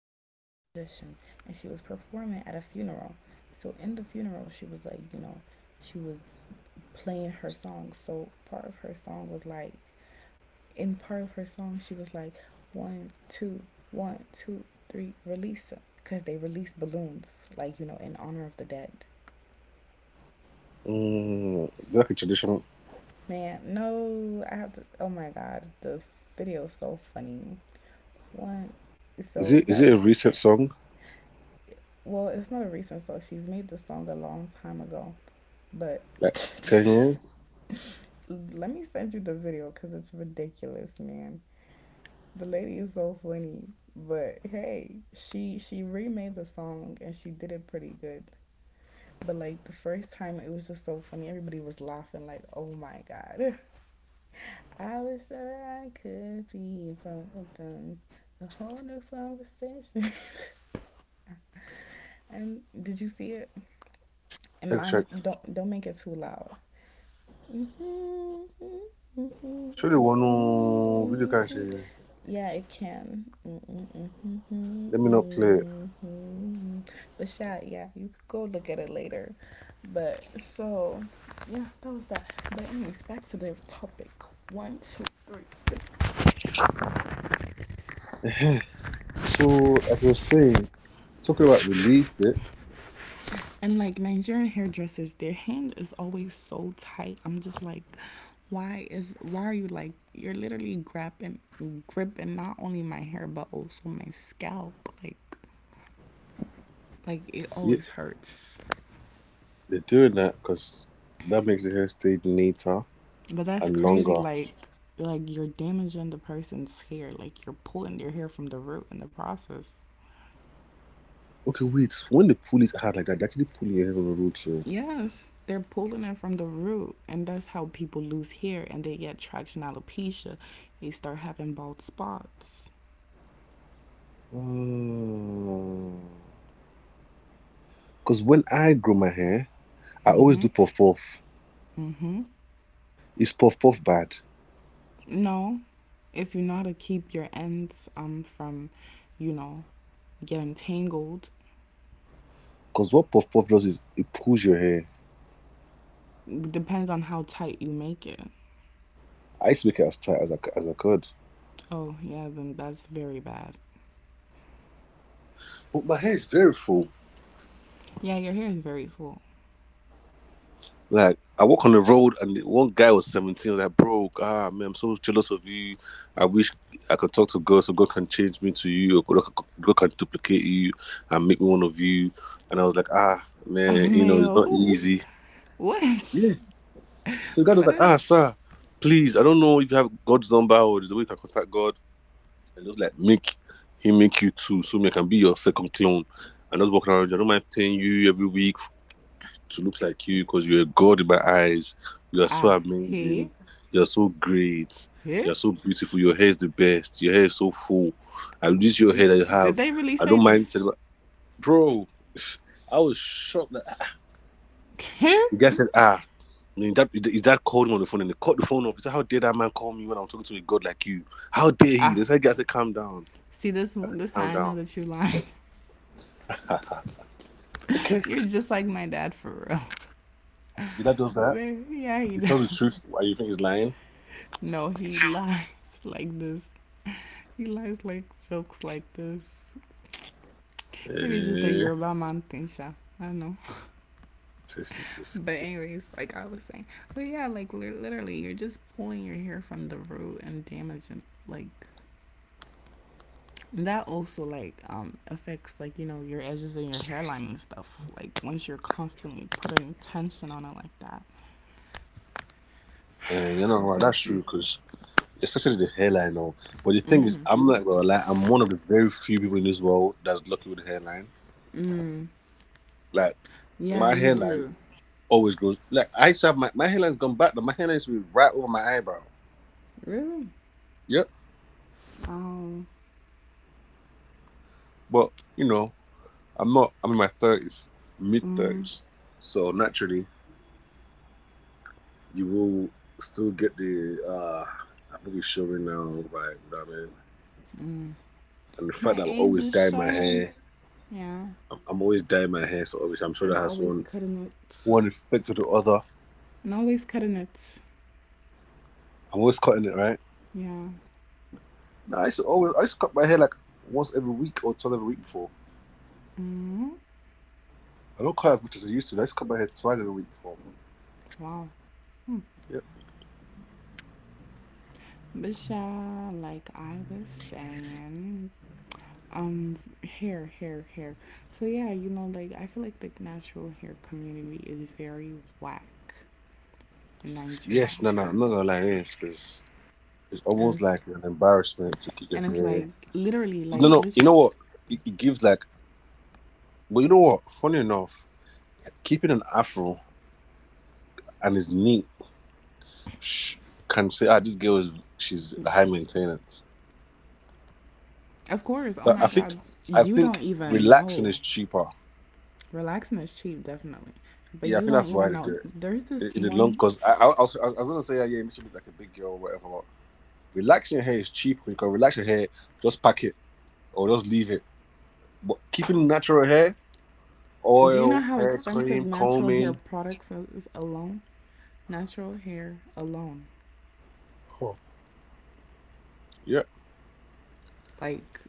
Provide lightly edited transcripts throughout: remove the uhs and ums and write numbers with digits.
so she's a musician and she was performing at a funeral. So in the funeral she was like, she was playing her song. So part of her song was like In part of her song she was like, one two, one two three, release her, because they released balloons, like, in honor of the dead. Mm, is it like a traditional? Man, no, I have to, oh my god, the video's so funny. One, so Is that it a was... recent song? Well, it's not a recent song. She's made this song a long time ago. But Like 10 years? let me send you the video because it's ridiculous, man. The lady is so funny. But hey, she remade the song and she did it pretty good. But like the first time, it was just so funny. Everybody was laughing like, "Oh my god!" I wish that I could be in front of them. A whole new conversation. And did you see it? And Let's mind, check. don't make it too loud. Mhm, mhm, Surely one mhm, oh, video can mhm. say. Yeah, it can. Mm-mm, mhm, Let me not play it. mhm. But Shad, yeah, you could go look at it later. But so, yeah, that was that. But anyways, back to the topic. One, two, three. So as I was saying, talking about release it, And like Nigerian hairdressers, their hand is always so tight. I'm just like, why are you, like, you're literally grabbing gripping not only my hair but also my scalp, like like it yeah, always hurts. they're doing that because that makes the hair stay neater But that's and crazy. longer. Like you're damaging the person's hair. Like you're pulling their hair from the root in the process. Okay, wait. When they pull it hard like that, they actually pull your hair on the root. So, Yes, they're pulling it from the root, and that's how people lose hair and they get traction alopecia. They start having bald spots. because when I grow my hair, I always do puff puff. Hmm. Is puff puff bad? No, if you know how to keep your ends from, you know, getting tangled, Because what puff puff does is it pulls your hair. it depends on how tight you make it. I used to make it as tight as I could. Oh yeah, then that's very bad. But my hair is very full. Yeah, your hair is very full. Like, I walk on the road and one guy was 17, and I like, bro, ah, man, I'm so jealous of you. I wish I could talk to God so God can change me to you, or God can duplicate you and make me one of you. And I was like, ah, man, you know, it's LMAO, not who? easy. Yeah. What? So God was That like, is. ah, sir, please, I don't know if you have God's number or there's a way you can contact God. And just like, make him make you too, so me I can be your second clone. And I was walking around, I don't mind paying you every week to look like you because you're a god in my eyes. You are so Ah, amazing. he? You are so great. You He? are so beautiful. Your hair is the best. Your hair is so full. And this your hair that you Did have. they really I say don't mind this? telling my bro. I was shocked that ah. The guy said, ah, is that called him on the phone? And they cut the phone off. He said, "How dare that man call me when I'm talking to a god like you? How dare he?" Ah, This guy said, "Calm down." see, this I said, one, this how "Calm I know down." that you're lying. Okay. You're just like my dad for real. The guy does that. Man, yeah, he. He tells the truth. Why you think he's lying? No, he lies like this. He lies like jokes like this. Maybe it's just a Eh, you're man thing, Sha. I don't know. sis. But anyways, like I was saying, but yeah, like literally, you're just pulling your hair from the root and damaging, like, that also like affects, like, your edges and your hairline and stuff, like, once you're constantly putting tension on it like that, Eh, you know what? but... That's true because especially the hairline. Or, but the thing is, I'm not gonna lie. I'm one of the very few people in this world that's lucky with the hairline. Mm, Like yeah my you hairline do. always grows. Like I used to have my hairline's gone back. Though. My hairline used to be right over my eyebrow. Really? Yep. Oh. But you know, I'm not. I'm in my thirties, mid Mm, thirties. So naturally, you will still get the I'm really showing now vibe. You know what I mean? mm. And the fact that My I'm age always is dyeing my showing. hair, Yeah. I'm always dyeing my hair. So obviously, I'm sure And that has always one cutting it. one effect to the other. And always cutting it. I'm always cutting it, right? Yeah. No, I used to always, I used to cut my hair like once every week or twice every week before. Mm, I don't cut as much as I used to. I used to cut my hair twice every week before. wow. Yep. But yeah, like I was saying, um hair, so yeah, like I feel like the natural hair community is very whack in Nigeria. Yes, no, no, I'm not gonna lie to this because it's and almost it's, like an embarrassment to keep your and it's hair. like literally No, like no, you lit-, know what? It gives like, but you know what? Funny enough, keeping an afro and is neat sh- can say, ah, this girl is she's high maintenance. of course, oh So my god. I You don't think even relaxing know. is cheaper. Relaxing is cheap, definitely. But Yeah, I you think don't that's why even they know, do there's this it. In the long one... because I was, I was gonna say, yeah, yeah, it makes you look like a big girl or whatever. But relaxing your hair is cheap. You can relax your hair, just pack it or just leave it. But keeping natural hair, Do you know oil, how hair expensive cream, natural hair combing, products is alone? Natural hair alone, huh. Yeah. like,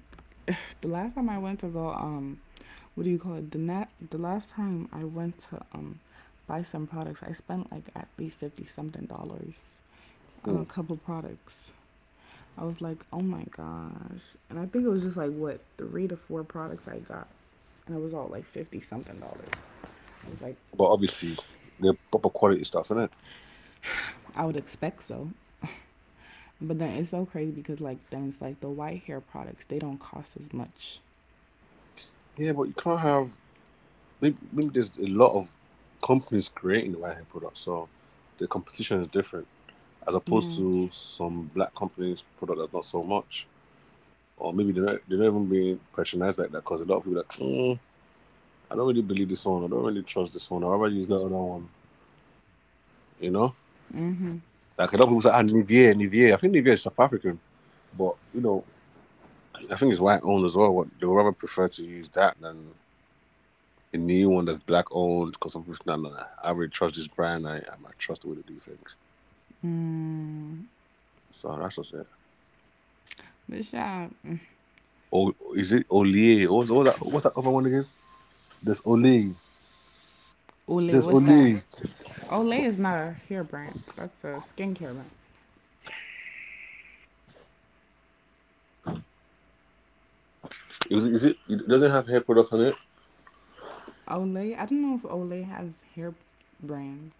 the last time I went to go, what do you call it? The last time I went to, buy some products, I spent like at least fifty something dollars on Hmm. a couple products. I was like, oh my gosh. And I think it was just like what, three to four products I got. And it was all like fifty something dollars. I was like, But obviously, the proper quality stuff, innit? I would expect so. But then it's so crazy because like things like the white hair products, they don't cost as much. Yeah, but you can't have maybe, maybe there's a lot of companies creating white hair products, so the competition is different as opposed Yeah. to some black companies product that's not so much. Or maybe they're not even being patronized like that because a lot of people are like, mm, I don't really believe this one. I don't really trust this one. I'd rather use that other one. You know, Mm-hmm. like a lot of people say, ah, Nivea. Nivier. I think Nivea is South African, but you know, I think it's white owned as well. What they would rather prefer to use that than a new one that's black owned because some people nah, nah, nah, I really trust this brand. I might trust the way they do things. So that's just it. But shout out, Oh, is it Olay? What's that? What's that other one again? There's Olay. Olay, There's what's that? Olay. Olay is not a hair brand. That's a skincare brand. Is it? It doesn't have hair products on it. Olay. I don't know if Olay has hair brand.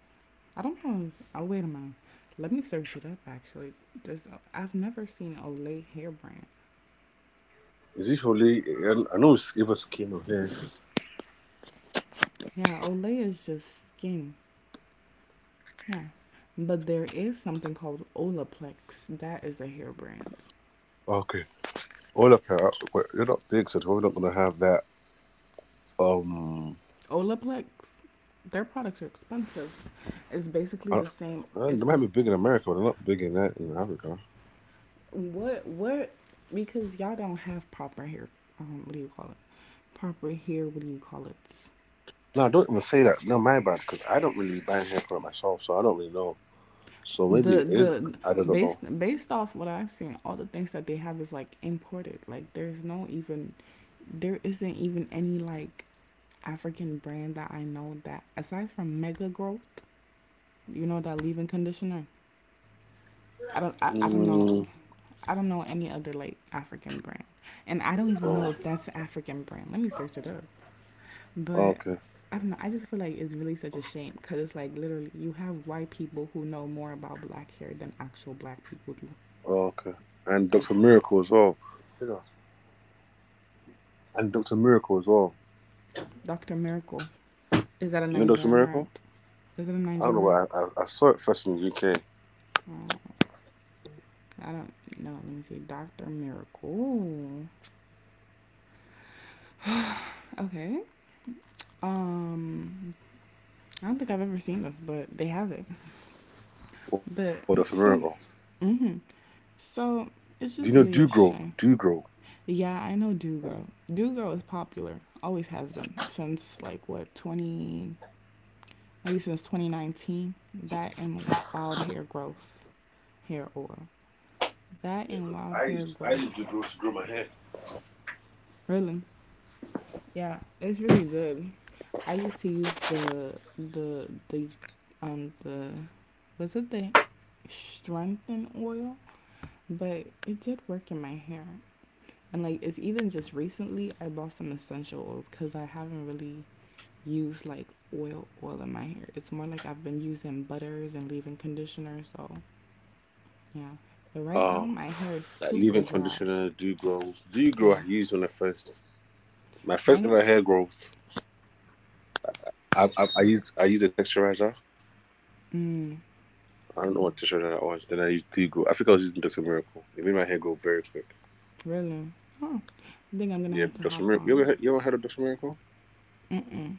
I don't know if. Oh, wait a minute. Let me search it up. Actually, just, I've never seen Olay hair brand. Is it only? I know it's give us chemo here. Yeah, Olay is just skin. Yeah, but there is something called Olaplex. That is a hair brand. Okay. All up here. We're- they're not big, so we're not gonna have that. Um, Olaplex. Their products are expensive. It's basically I don't, the same. They It's might this, be big in America, but they're not big in that in Africa. what, because y'all don't have proper hair. What do you call it? Proper hair. What do you call it? No, don't even say that. No, my bad, because I don't really buy hair for myself, so I don't really know. So maybe it is. The I just don't know. Based off what I've seen, all the things that they have is like imported. Like there isn't even any like African brand that I know that, aside from Mega Growth, you know that leave-in conditioner. I don't I, I don't know Mm, I don't know any other like African brand. And I don't even know oh, if that's an African brand. Let me search it up. But okay, I don't know. I just feel like it's really such a shame because it's like literally you have white people who know more about black hair than actual black people do. okay. And Like Doctor Miracle as well. You know, and Doctor Miracle as well. Dr. Miracle. Is that a You know Doctor Nigerian brand? Miracle? Is it a I don't know. Nigerian What I saw it first in the UK. brand? I don't know. Let me see. Dr. Miracle. Okay. Um, I don't think I've ever seen this, but they have it. What Doctor But Miracle? so, mm-hmm. So Do you know it's do just really grow? a Do shame. grow. Yeah, I know Do Girl. Do Girl is popular. Always has been since like what twenty, maybe since 2019. That and Wild Hair Growth hair oil. That Yeah, and because Wild I Hair used I Growth. used to grow my hair. Really? Yeah, it's really good. I used to use um the the strengthen oil, but it did work in my hair. And like it's even just recently I bought some essential oils cuz I haven't really used like oil in my hair. It's more like I've been using butters and leave-in conditioner, so yeah. But Oh, right now my hair is like leave-in super dry. conditioner, do grow. Do grow I Yeah, used when I first my first right? ever hair growth. I used a texturizer. Mm, I don't know what texturizer that was. Then I used do grow. I think I was using Dr. Miracle. It made my hair grow very quick. really? Oh, I think I'm gonna Yeah, have to Dr. hop Miracle. on. You ever heard of Dr. Miracle? Mm-mm.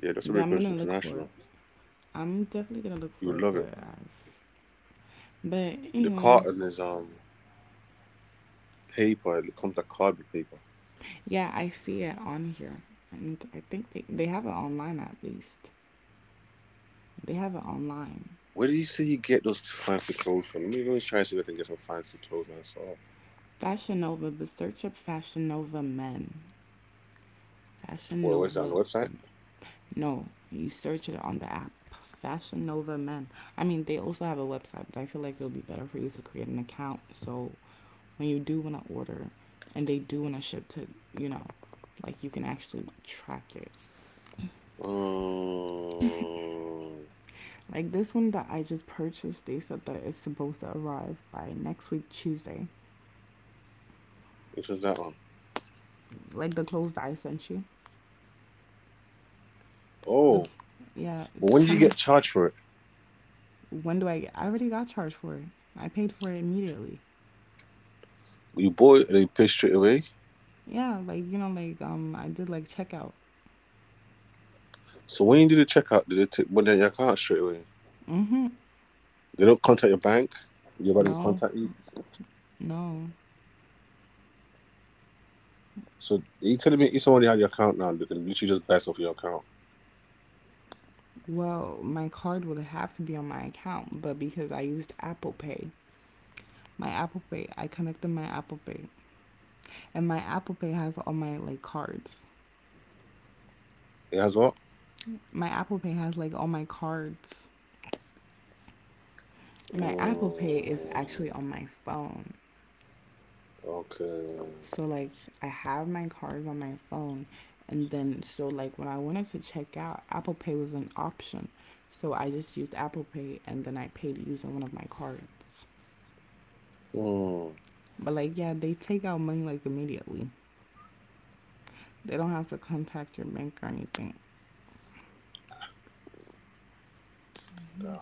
Yeah, Dr. But I'm Miracle is gonna look for it. international. I'm definitely gonna look You for would it. love it. But I've, but The anyways, carton is paper. It comes like cardboard paper. yeah, I see it on here, and I think they have it online at least. They have it online. Where did you say you get those fancy clothes from? Let me try to see if I can get some fancy clothes myself. Fashion Nova, but search up Fashion Nova men. Fashion Well, was that on Nova. the website? No, you search it on the app. Fashion Nova men. I mean, they also have a website, but I feel like it'll be better for you to create an account. So when you do want to order, and they do want to ship to, you know, like you can actually track it. Um, Like this one that I just purchased, they said that it's supposed to arrive by next week Tuesday. which was that one? Like the clothes that I sent you. The, Oh, yeah, well, it's when did you coming. get charged for it? When do I get? I already got charged for it. I paid for it immediately. You bought it and they pay straight away. Yeah, like like I did like checkout. So when you do the checkout, did they take money out your account straight away? Mm-hmm. They don't contact your bank. You don't No, contact you. no. So you telling me it's already on your account now? They can literally just best off your account. Well, my card would have to be on my account, but because I used Apple Pay, my Apple Pay, I connected my Apple Pay, and my Apple Pay has all my like cards. It has what? My Apple Pay has like all my cards. My Apple Pay is actually Mm, on my phone. okay. So like I have my cards on my phone, and then so like when I wanted to check out, Apple Pay was an option. So I just used Apple Pay and then I paid using one of my cards. Hmm. But like yeah, they take out money like immediately. They don't have to contact your bank or anything. Yeah.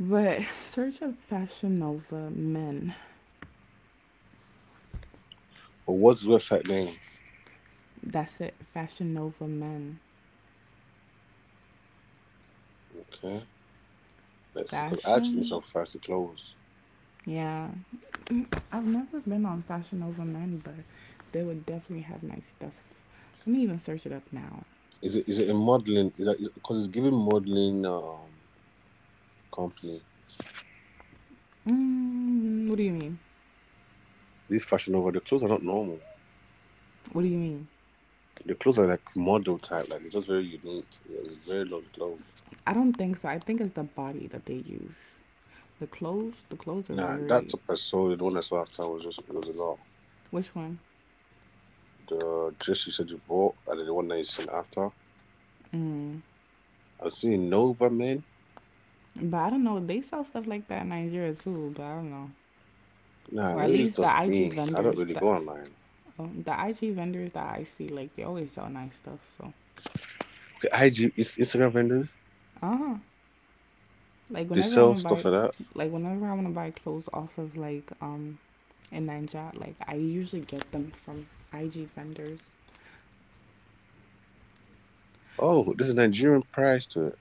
But search up Fashion Nova men. But what's the website name? That's it. Fashion Nova men. Okay, let's see. Because I actually need some Fashion? fancy clothes. Yeah, I've never been on Fashion Nova Men, but they would definitely have nice stuff. Let me even search it up now. Is it a modeling? Is that because it's giving modeling company? Mm, what do you mean? This fashion over the clothes are not normal. What do you mean? The clothes are like model type, like it's just very unique. Yeah, it's very lovely clothes. I don't think so. I think it's the body that they use. The clothes are Nah, that very... top I saw, the one I saw after was just it was a lot. Which one? The dress you said you bought, and then the one that you sent after. Mm. I'm seeing Nova men. But I don't know. They sell stuff like that in Nigeria too. But I don't know. Nah, Or at maybe it's least the just IG me. I don't vendors, really the go online. oh, the IG vendors that I see, like they always sell nice stuff. So, Okay, IG, it's Instagram vendors. uh huh. Like They whenever I sell wanna stuff buy, like that. like whenever I wanna buy clothes off of like and Ninja. Like I usually get them from IG vendors. Oh, there's a Nigerian price to it.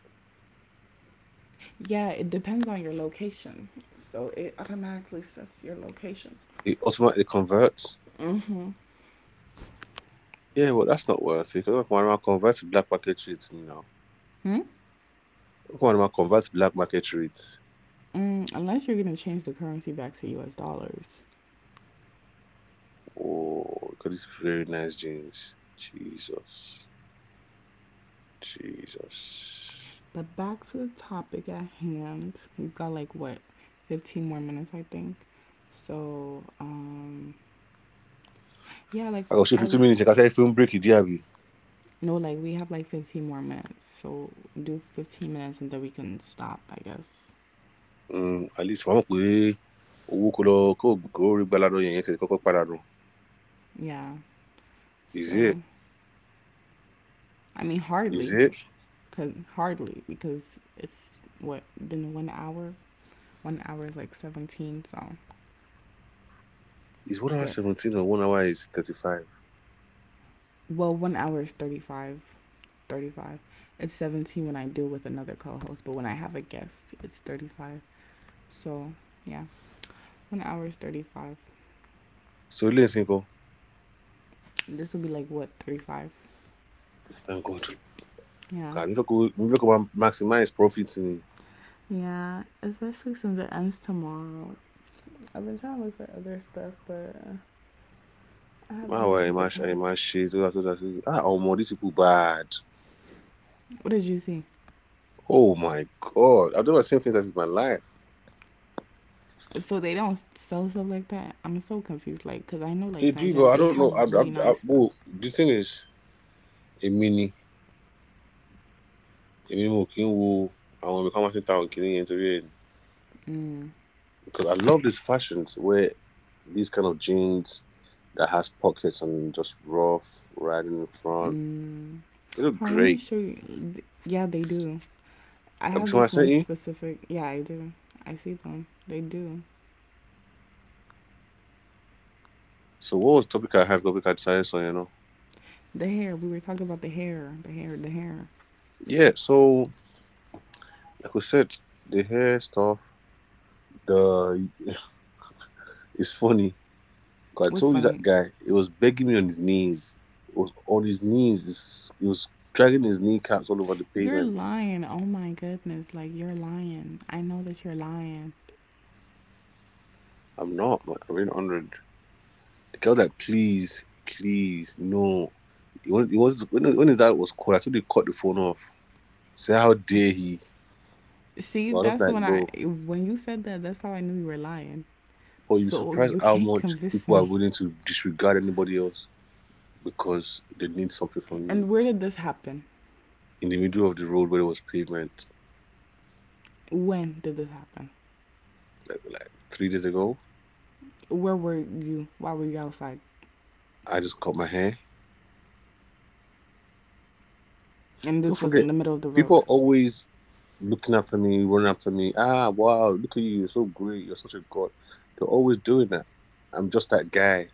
Yeah, it depends on your location. So it automatically sets your location. It automatically converts. Mm-hmm. Yeah, well, that's not worth it. Because when I convert to black market rates now, Hmm? when I convert to black market rates, Mm, unless you're gonna change the currency back to US dollars. oh, look at these very nice jeans. Jesus, Jesus. But back to the topic at hand. We've got like what, 15 more minutes I think. So, yeah, like I got you I... 15 minutes. I can say film break it, Diaby. No, like we have like 15 more minutes. So do 15 minutes and then we can stop, I guess. Mm, at least one way. Owó kó lọ kó kó rí gbalado yẹn yẹn ti kọ́kọ́ padà nù. Yeah. is So it I mean, is hardly, it cause hardly because it's what been 1 hour. 1 hour is like 17, is 1 hour but 17 or 1 hour is 35. well, 1 hour is 35, 35. It's 17 when I do with another co-host, but when I have a guest, it's 35. So yeah, 1 hour is 35. So ilé ìsìn kan This will be like what, 35? thank god. Yeah. Kà mí fẹ́ kó máa maximize profit ni. Yeah, especially since it ends tomorrow. I've been trying to look for other stuff, but I haven't My really way, had the my, sh- eh, time. my shit. All that. Ah, oh, man, these people bad. What did you see? Oh my god, I've never seen things like this in my life. So they don't sell stuff like that. I'm so confused, like, cause I know They like do, Nigeria, but I they don't know. Have really nice stuff. Well, the thing is, a mini, a mini mo kin wo àwọn ibi kan máa ti town killing àwọn kìnìún. Mm. Because I love these fashions where these kind of jeans that has pockets and just rough riding in front. Mm. They look Hold on, let me great. show you. Yeah, they do. I Have you have seen what I this sent one you? specific. Yeah, I do. I see them. They do. So what was the topic I had? Topic I decided so you know. The hair. We were talking about the hair. The hair. The hair. Yeah, so like we said, the hair stuff, the it's funny. 'Cause I What's told you funny? that guy, he was begging me on his knees. He was on his knees. He was dragging his kneecaps all over the You're pavement. lying. Oh my goodness. Like you're lying. I know that you're lying. I'm not. Man. I'm in 100. The girl was like, please, please, no. He wanted, he was, when his dad was called, I told him to cut the phone off. Say, how dare he? See, But I was that's like, when I bro, when you said that. That's how I knew you were lying. oh, you'd be So surprised you how can't much convince people are me. willing to disregard anybody else because they need something from you. And where did this happen? In the middle of the road where there was pavement, When did this happen? like 3 days ago, Where were you? Why were you outside? I just cut my hair. And Don't this was forget, in the middle of the people road. are always looking after me, running after me. Ah, wow, look at you. You're so great. You're such a god. They're always doing that. I'm just that guy,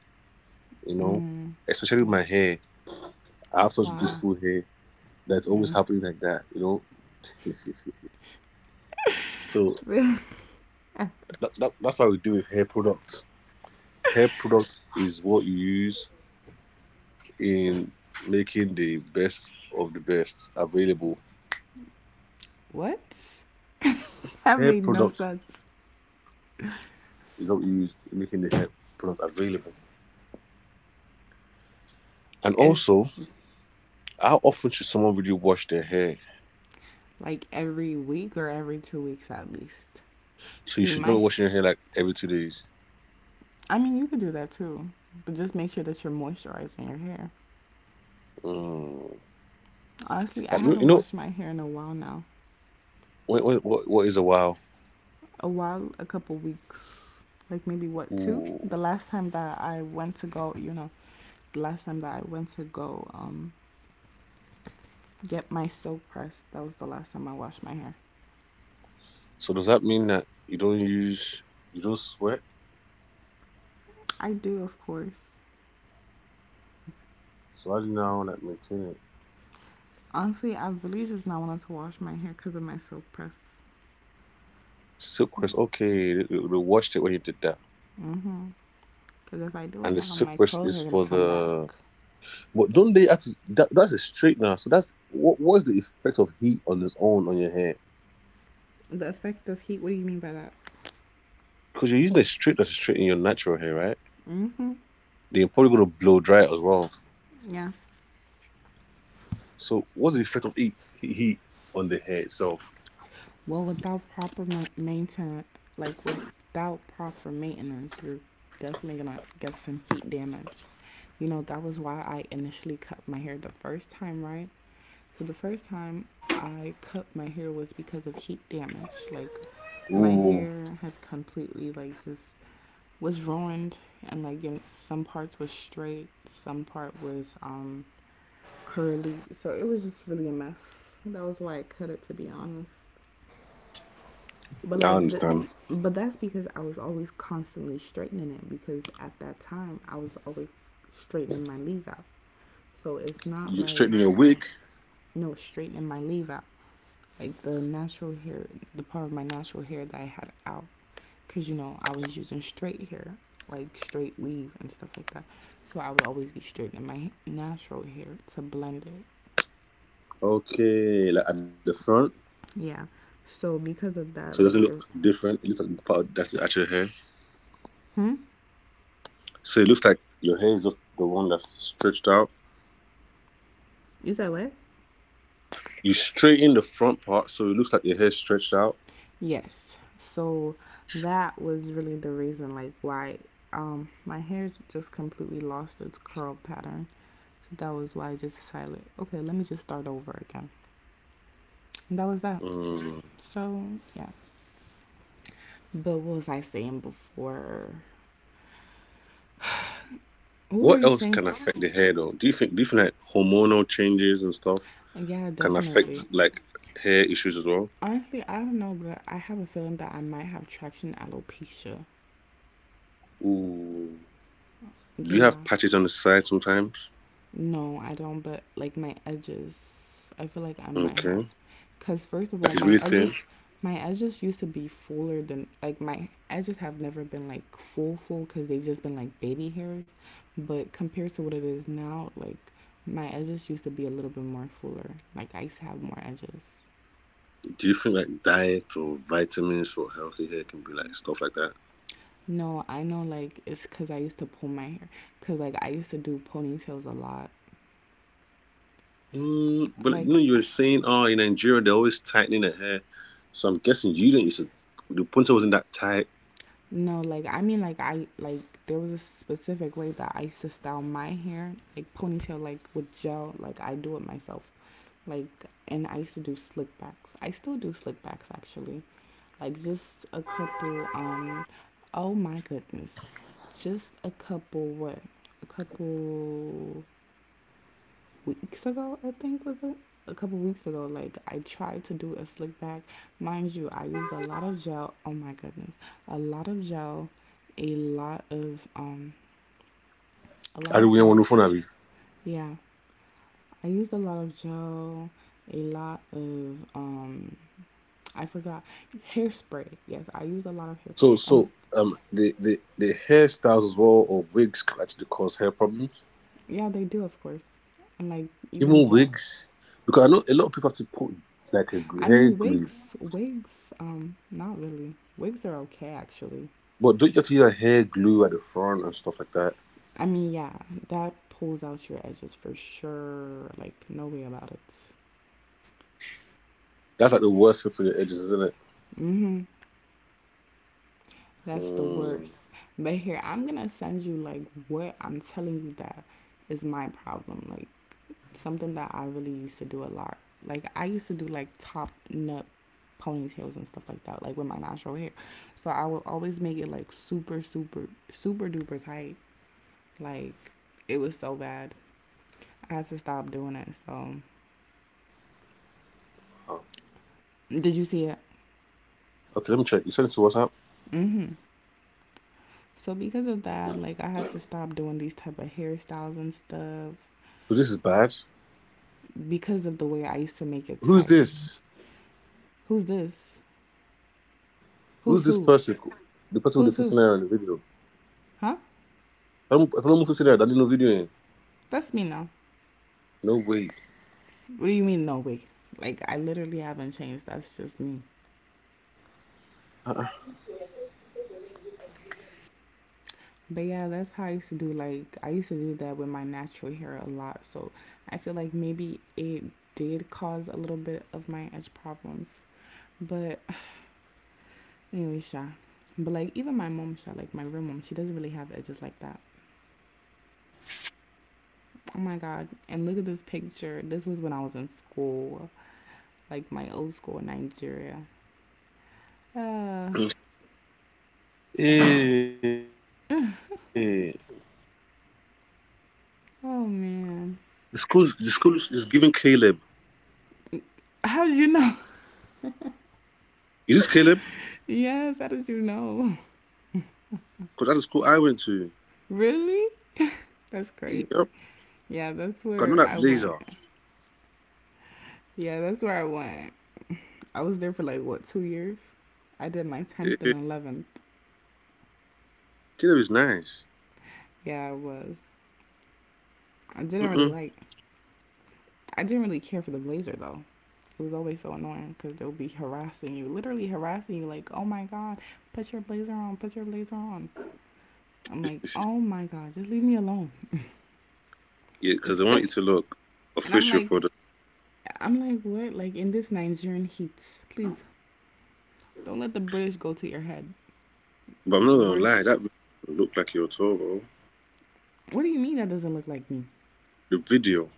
you know? Mm. Especially with my hair. I have such Wow. beautiful hair that's always Mm. happening like that, you know? So that's how we do with hair products. Hair product is what you use in making the best of the best available. What? That Hair made no product sense. is what you use in making the hair product available. And It's also, how often should someone really wash their hair? like every week or every 2 weeks at least. So you See, should not be washing your hair like every 2 days. I mean, you could do that too, but just make sure that you're moisturizing your hair. Mm. Honestly, I Like, haven't washed my hair in a while now. what, what, what is a while? A while, a couple weeks, like maybe what, two? Ooh. The last time that I went to go, the last time that I went to go, get my silk press. That was the last time I washed my hair. So does that mean that you don't sweat? I do, of course. So how do you now like maintain it? Honestly, I really just not wanted to wash my hair because of my silk press. Silkworth, okay, they washed it when you did that. Mm-hmm. Because if I do it And the now, my silkworth curls is are gonna for come back. But don't they actually, that's a straightener. So what was the effect of heat on its own on your hair? The effect of heat. What do you mean by that? Because you're using a straightener to straighten your natural hair, right? Mm-hmm. They're probably going to blow dry it as well. Yeah. So, what's the effect of heat on the hair itself? Well, without proper ma- maintenance, like without proper maintenance, you're definitely gonna get some heat damage. You know that was why I initially cut my hair the first time, right? So the first time I cut my hair was because of heat damage. Like my Ooh, hair had completely like just was ruined and like some parts was straight, some part was curly. So it was just really a mess. That was why I cut it, to be honest. But I like the understand. but that's because I was always constantly straightening it because at that time I was always straightening my leave out. So it's not You like straightening your wig, no straightening my leave out, like the natural hair, the part of my natural hair that I had out, because you know I was using straight hair, like straight weave and stuff like that. So I would always be straightening my natural hair to blend it. okay, like at the front, Yeah. So because of so it that, doesn't look like, it, different. It looks like the part that's the actual hair. hmm, So it looks like your hair is just the one that's stretched out. is that what? You straighten the front part, so it looks like your hair stretched out. Yes. So that was really the reason, like, why my hair just completely lost its curl pattern. So that was why I just decided, okay, let me just start over again. And that was that. Mm. So yeah. But what was I saying before? What were What you else saying? can affect the hair though? Do you think like hormonal changes and stuff Yeah, can affect definitely. like hair issues as well? Honestly, I don't know, but I have a feeling that I might have traction alopecia. Ooh. Do you have Yeah. patches on the side sometimes? No, I don't, but like my edges, I feel like I might have. Okay. Because, first of Like all, it's my really thin. edges. My edges used to be fuller than, like, my edges have never been like full full because they've just been like baby hairs, but compared to what it is now, like my edges used to be a little bit more fuller. Like I used to have more edges. Do you think like diet or vitamins for healthy hair can be like stuff like that? No, I know, like, it's because I used to pull my hair. Because, like, I used to do ponytails a lot. Mm, but you Like, know you were saying, oh, in Nigeria they're always tightening their hair, so I'm guessing you didn't used to, the pointer wasn't that tight. no, like, I mean, like, like, there was a specific way that I used to style my hair, like, ponytail, like, with gel. Like, I do it myself. Like, and I used to do slick backs. I still do slick backs, actually. Like, just a couple, oh my goodness. Just a couple, what? A couple weeks ago, I think was it? A couple weeks ago, like I tried to do a slick back. Mind you, I used a lot of gel. Oh my goodness. A lot of gel, a lot of um a lot I don't of really want gel. to phone of you. Yeah. I used a lot of gel, a lot of I forgot, hairspray. Yes, I used a lot of hair. So And so the hairstyles as well or wigs can actually cause hair problems. yeah, they do of course. And like even Even gel. wigs, because I know a lot of people have to put like a I hair mean, glue, wigs not really. Wigs are okay actually. but don't you have to use a hair glue at the front and stuff like that? I mean, yeah, that pulls out your edges for sure. Like, no way about it. That's like the worst thing for your edges, isn't it? Mm-hmm. That's the Mm. worst. But here, I'm gonna send you like what I'm telling you that is my problem. Like something that I really used to do a lot. Like I used to do like top nut ponytails and stuff like that, like with my natural hair. So I would always make it like super, super, super duper tight. Like it was so bad. I had to stop doing it. So did you see it? Okay, let me check. You sent it to WhatsApp. Mm-hmm. So because of that, like I had to stop doing these type of hairstyles and stuff So this is bad. because of the way I used to make it Who's tight. this? Who's this? Who's Who's this who? person? The person with Who's the who? 15 naira in the video. Huh? I don't know 15 naira. I didn't know video. Eh? That's me now. No way. What do you mean no wait? Like I literally haven't changed. That's just me. Uh-uh. But yeah, that's how I used to do, like I used to do that with my natural hair a lot. So I feel like maybe it did cause a little bit of my edge problems. But anyway, Sha. But like even my mom, Sha, like my real mom, she doesn't really have edges like that. Oh my god. And look at this picture. This was when I was in school, like my old school in Nigeria. Uh, Hey, oh the school man. is giving Caleb. How did you know? Is this Caleb? Yes, how did you know? Because that's the school I went to. Really? That's Yep. crazy. Yeah, Got that's know that where I blazer. went. Yeah, that's where I went. I was there for like what, 2 years? I did my 10th Eh, and 11th. Caleb is nice. Yeah, I was. I didn't really Mm-mm. like, I didn't really care for the blazer though. It was always so annoying because they'll be harassing you, literally harassing you, like, oh my god, put your blazer on, put your blazer on. I'm like, oh my god, just leave me alone. Yeah, because they want you Especially, to look and I'm official like, for the. I'm like, what? Like in this Nigerian heat, please don't let the British go to your head. But I'm The not gonna lie, worst. that video doesn't look like your tour, bro. What do you mean that doesn't look like me? The video.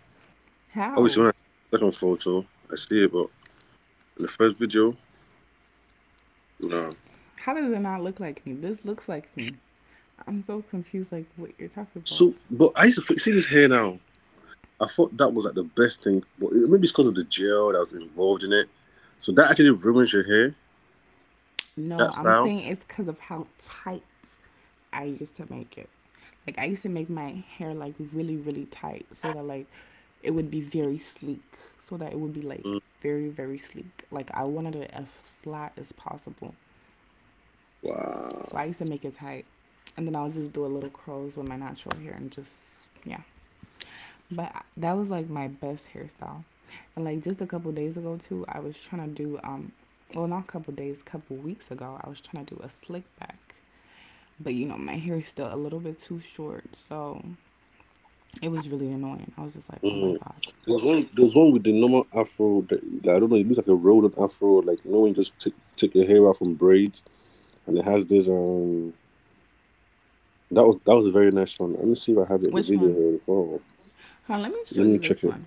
Obviously, How? when I second photo, I see it, but in the first video. No. How does it not look like me? This looks like me. I'm so confused, like what you're talking about. So, but I used to see this hair now. I thought that was like the best thing, but maybe it's because of the gel that was involved in it. So that actually ruins your hair. No, That I'm style. saying it's because of how tight I used to make it. Like I used to make my hair like really really tight so that like it would be very sleek so that it would be Mm. like very very sleek. Like I wanted it as flat as possible. So Wow. I used to make it tight and then I'll just do a little curls with my natural hair and just yeah. But that was like my best hairstyle. And like just a couple days ago too, I was trying to do well, not a couple days, a couple weeks ago, I was trying to do a slick back. But my hair is still a little bit too short, so it was really Mm. annoying. I was just like, oh There my was one god, with the normal afro. That I don't know. It looks like a rolled on afro. Like you know when you just take your hair out from braids, and it has this. That was a very nice one. Let me see if I have it. The video here which one? before. Let Huh, me let me check show it. you Wait, this one.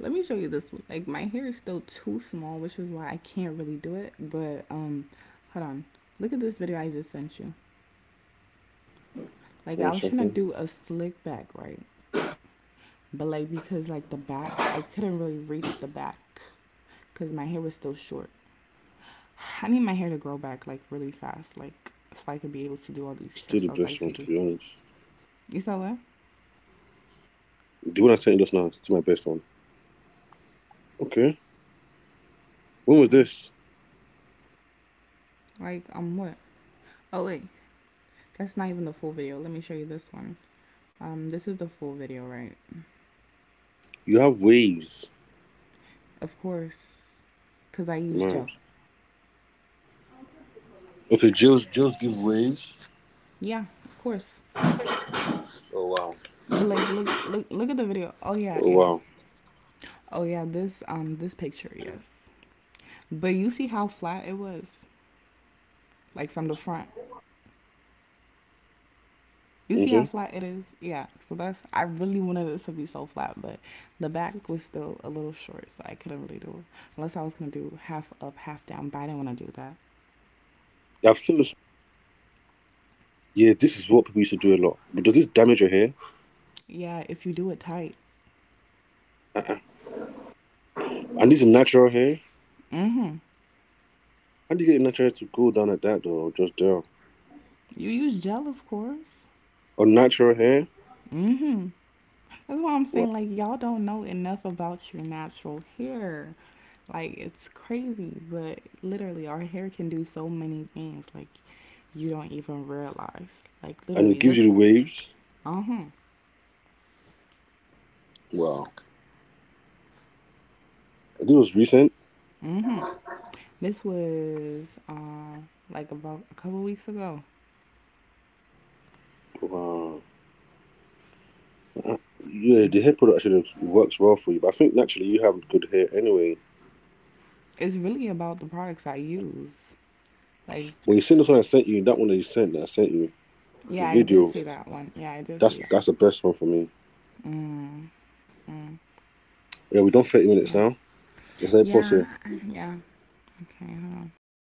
Let me show you this one. Like my hair is still too small, which is why I can't really do it. But hold on. Look at this video I just sent you. one Like I second. was trying to do a slick back, right? But like because like the back, I couldn't really reach the back because my hair was still short. I need my hair to grow back like really fast, like This one is still so the I could best be one, able to to be do all honest. these hairstyles I used to do. You saw what? The one I sent you just now is my best one. Okay. When was this? Yeah. Like what? Oh wait, that's not even the full video. Let me show you this one. This is the full video, right? You have waves. Of course, cause I Mad. use gel. Okay, Jill's give waves. Yeah, of course. Oh wow. But like, look, look, Oh look at the wow. video. Oh yeah, yeah. Oh yeah, this this picture, yes. But you see how flat it was, like from the front. Okay. You see how flat it is? Yeah. So that's I really wanted this to be so flat, but the back was still a little short, so I couldn't really do it. Yeah, I've seen Unless this I one. was You gonna sent do half up, one half second. down, but I didn't wanna do that. Yeah, this is what people used to do a lot. But does this damage your hair? Yeah, if you do it tight. Uh-uh. And this is natural hair. Mm-hmm. How do you get your natural hair to go down like that though? Or just down. You use gel, of course. Or natural hair? Mm-hmm. That's why I'm Wow. saying, like, y'all don't know enough about your natural hair. Like, it's crazy, but literally, our hair can do so many things, like, you don't even realize. Like, And it literally, gives this, you the waves. uh huh, Wow. This was recent. mm hmm. This was, like, about a couple weeks ago. Wow. Yeah, the hair product actually works well for you, but I think naturally you have good hair anyway. It's really about the products I use. Like, But you seen this one I sent you, that one that you sent that I sent you, the yeah, I did video, see that one. Yeah, I did see that's that. that's the best one for me. Mm, Yeah, mm, we're done 30 minutes now. Let's yeah. let it pause here. Yeah, yeah, okay, hold on.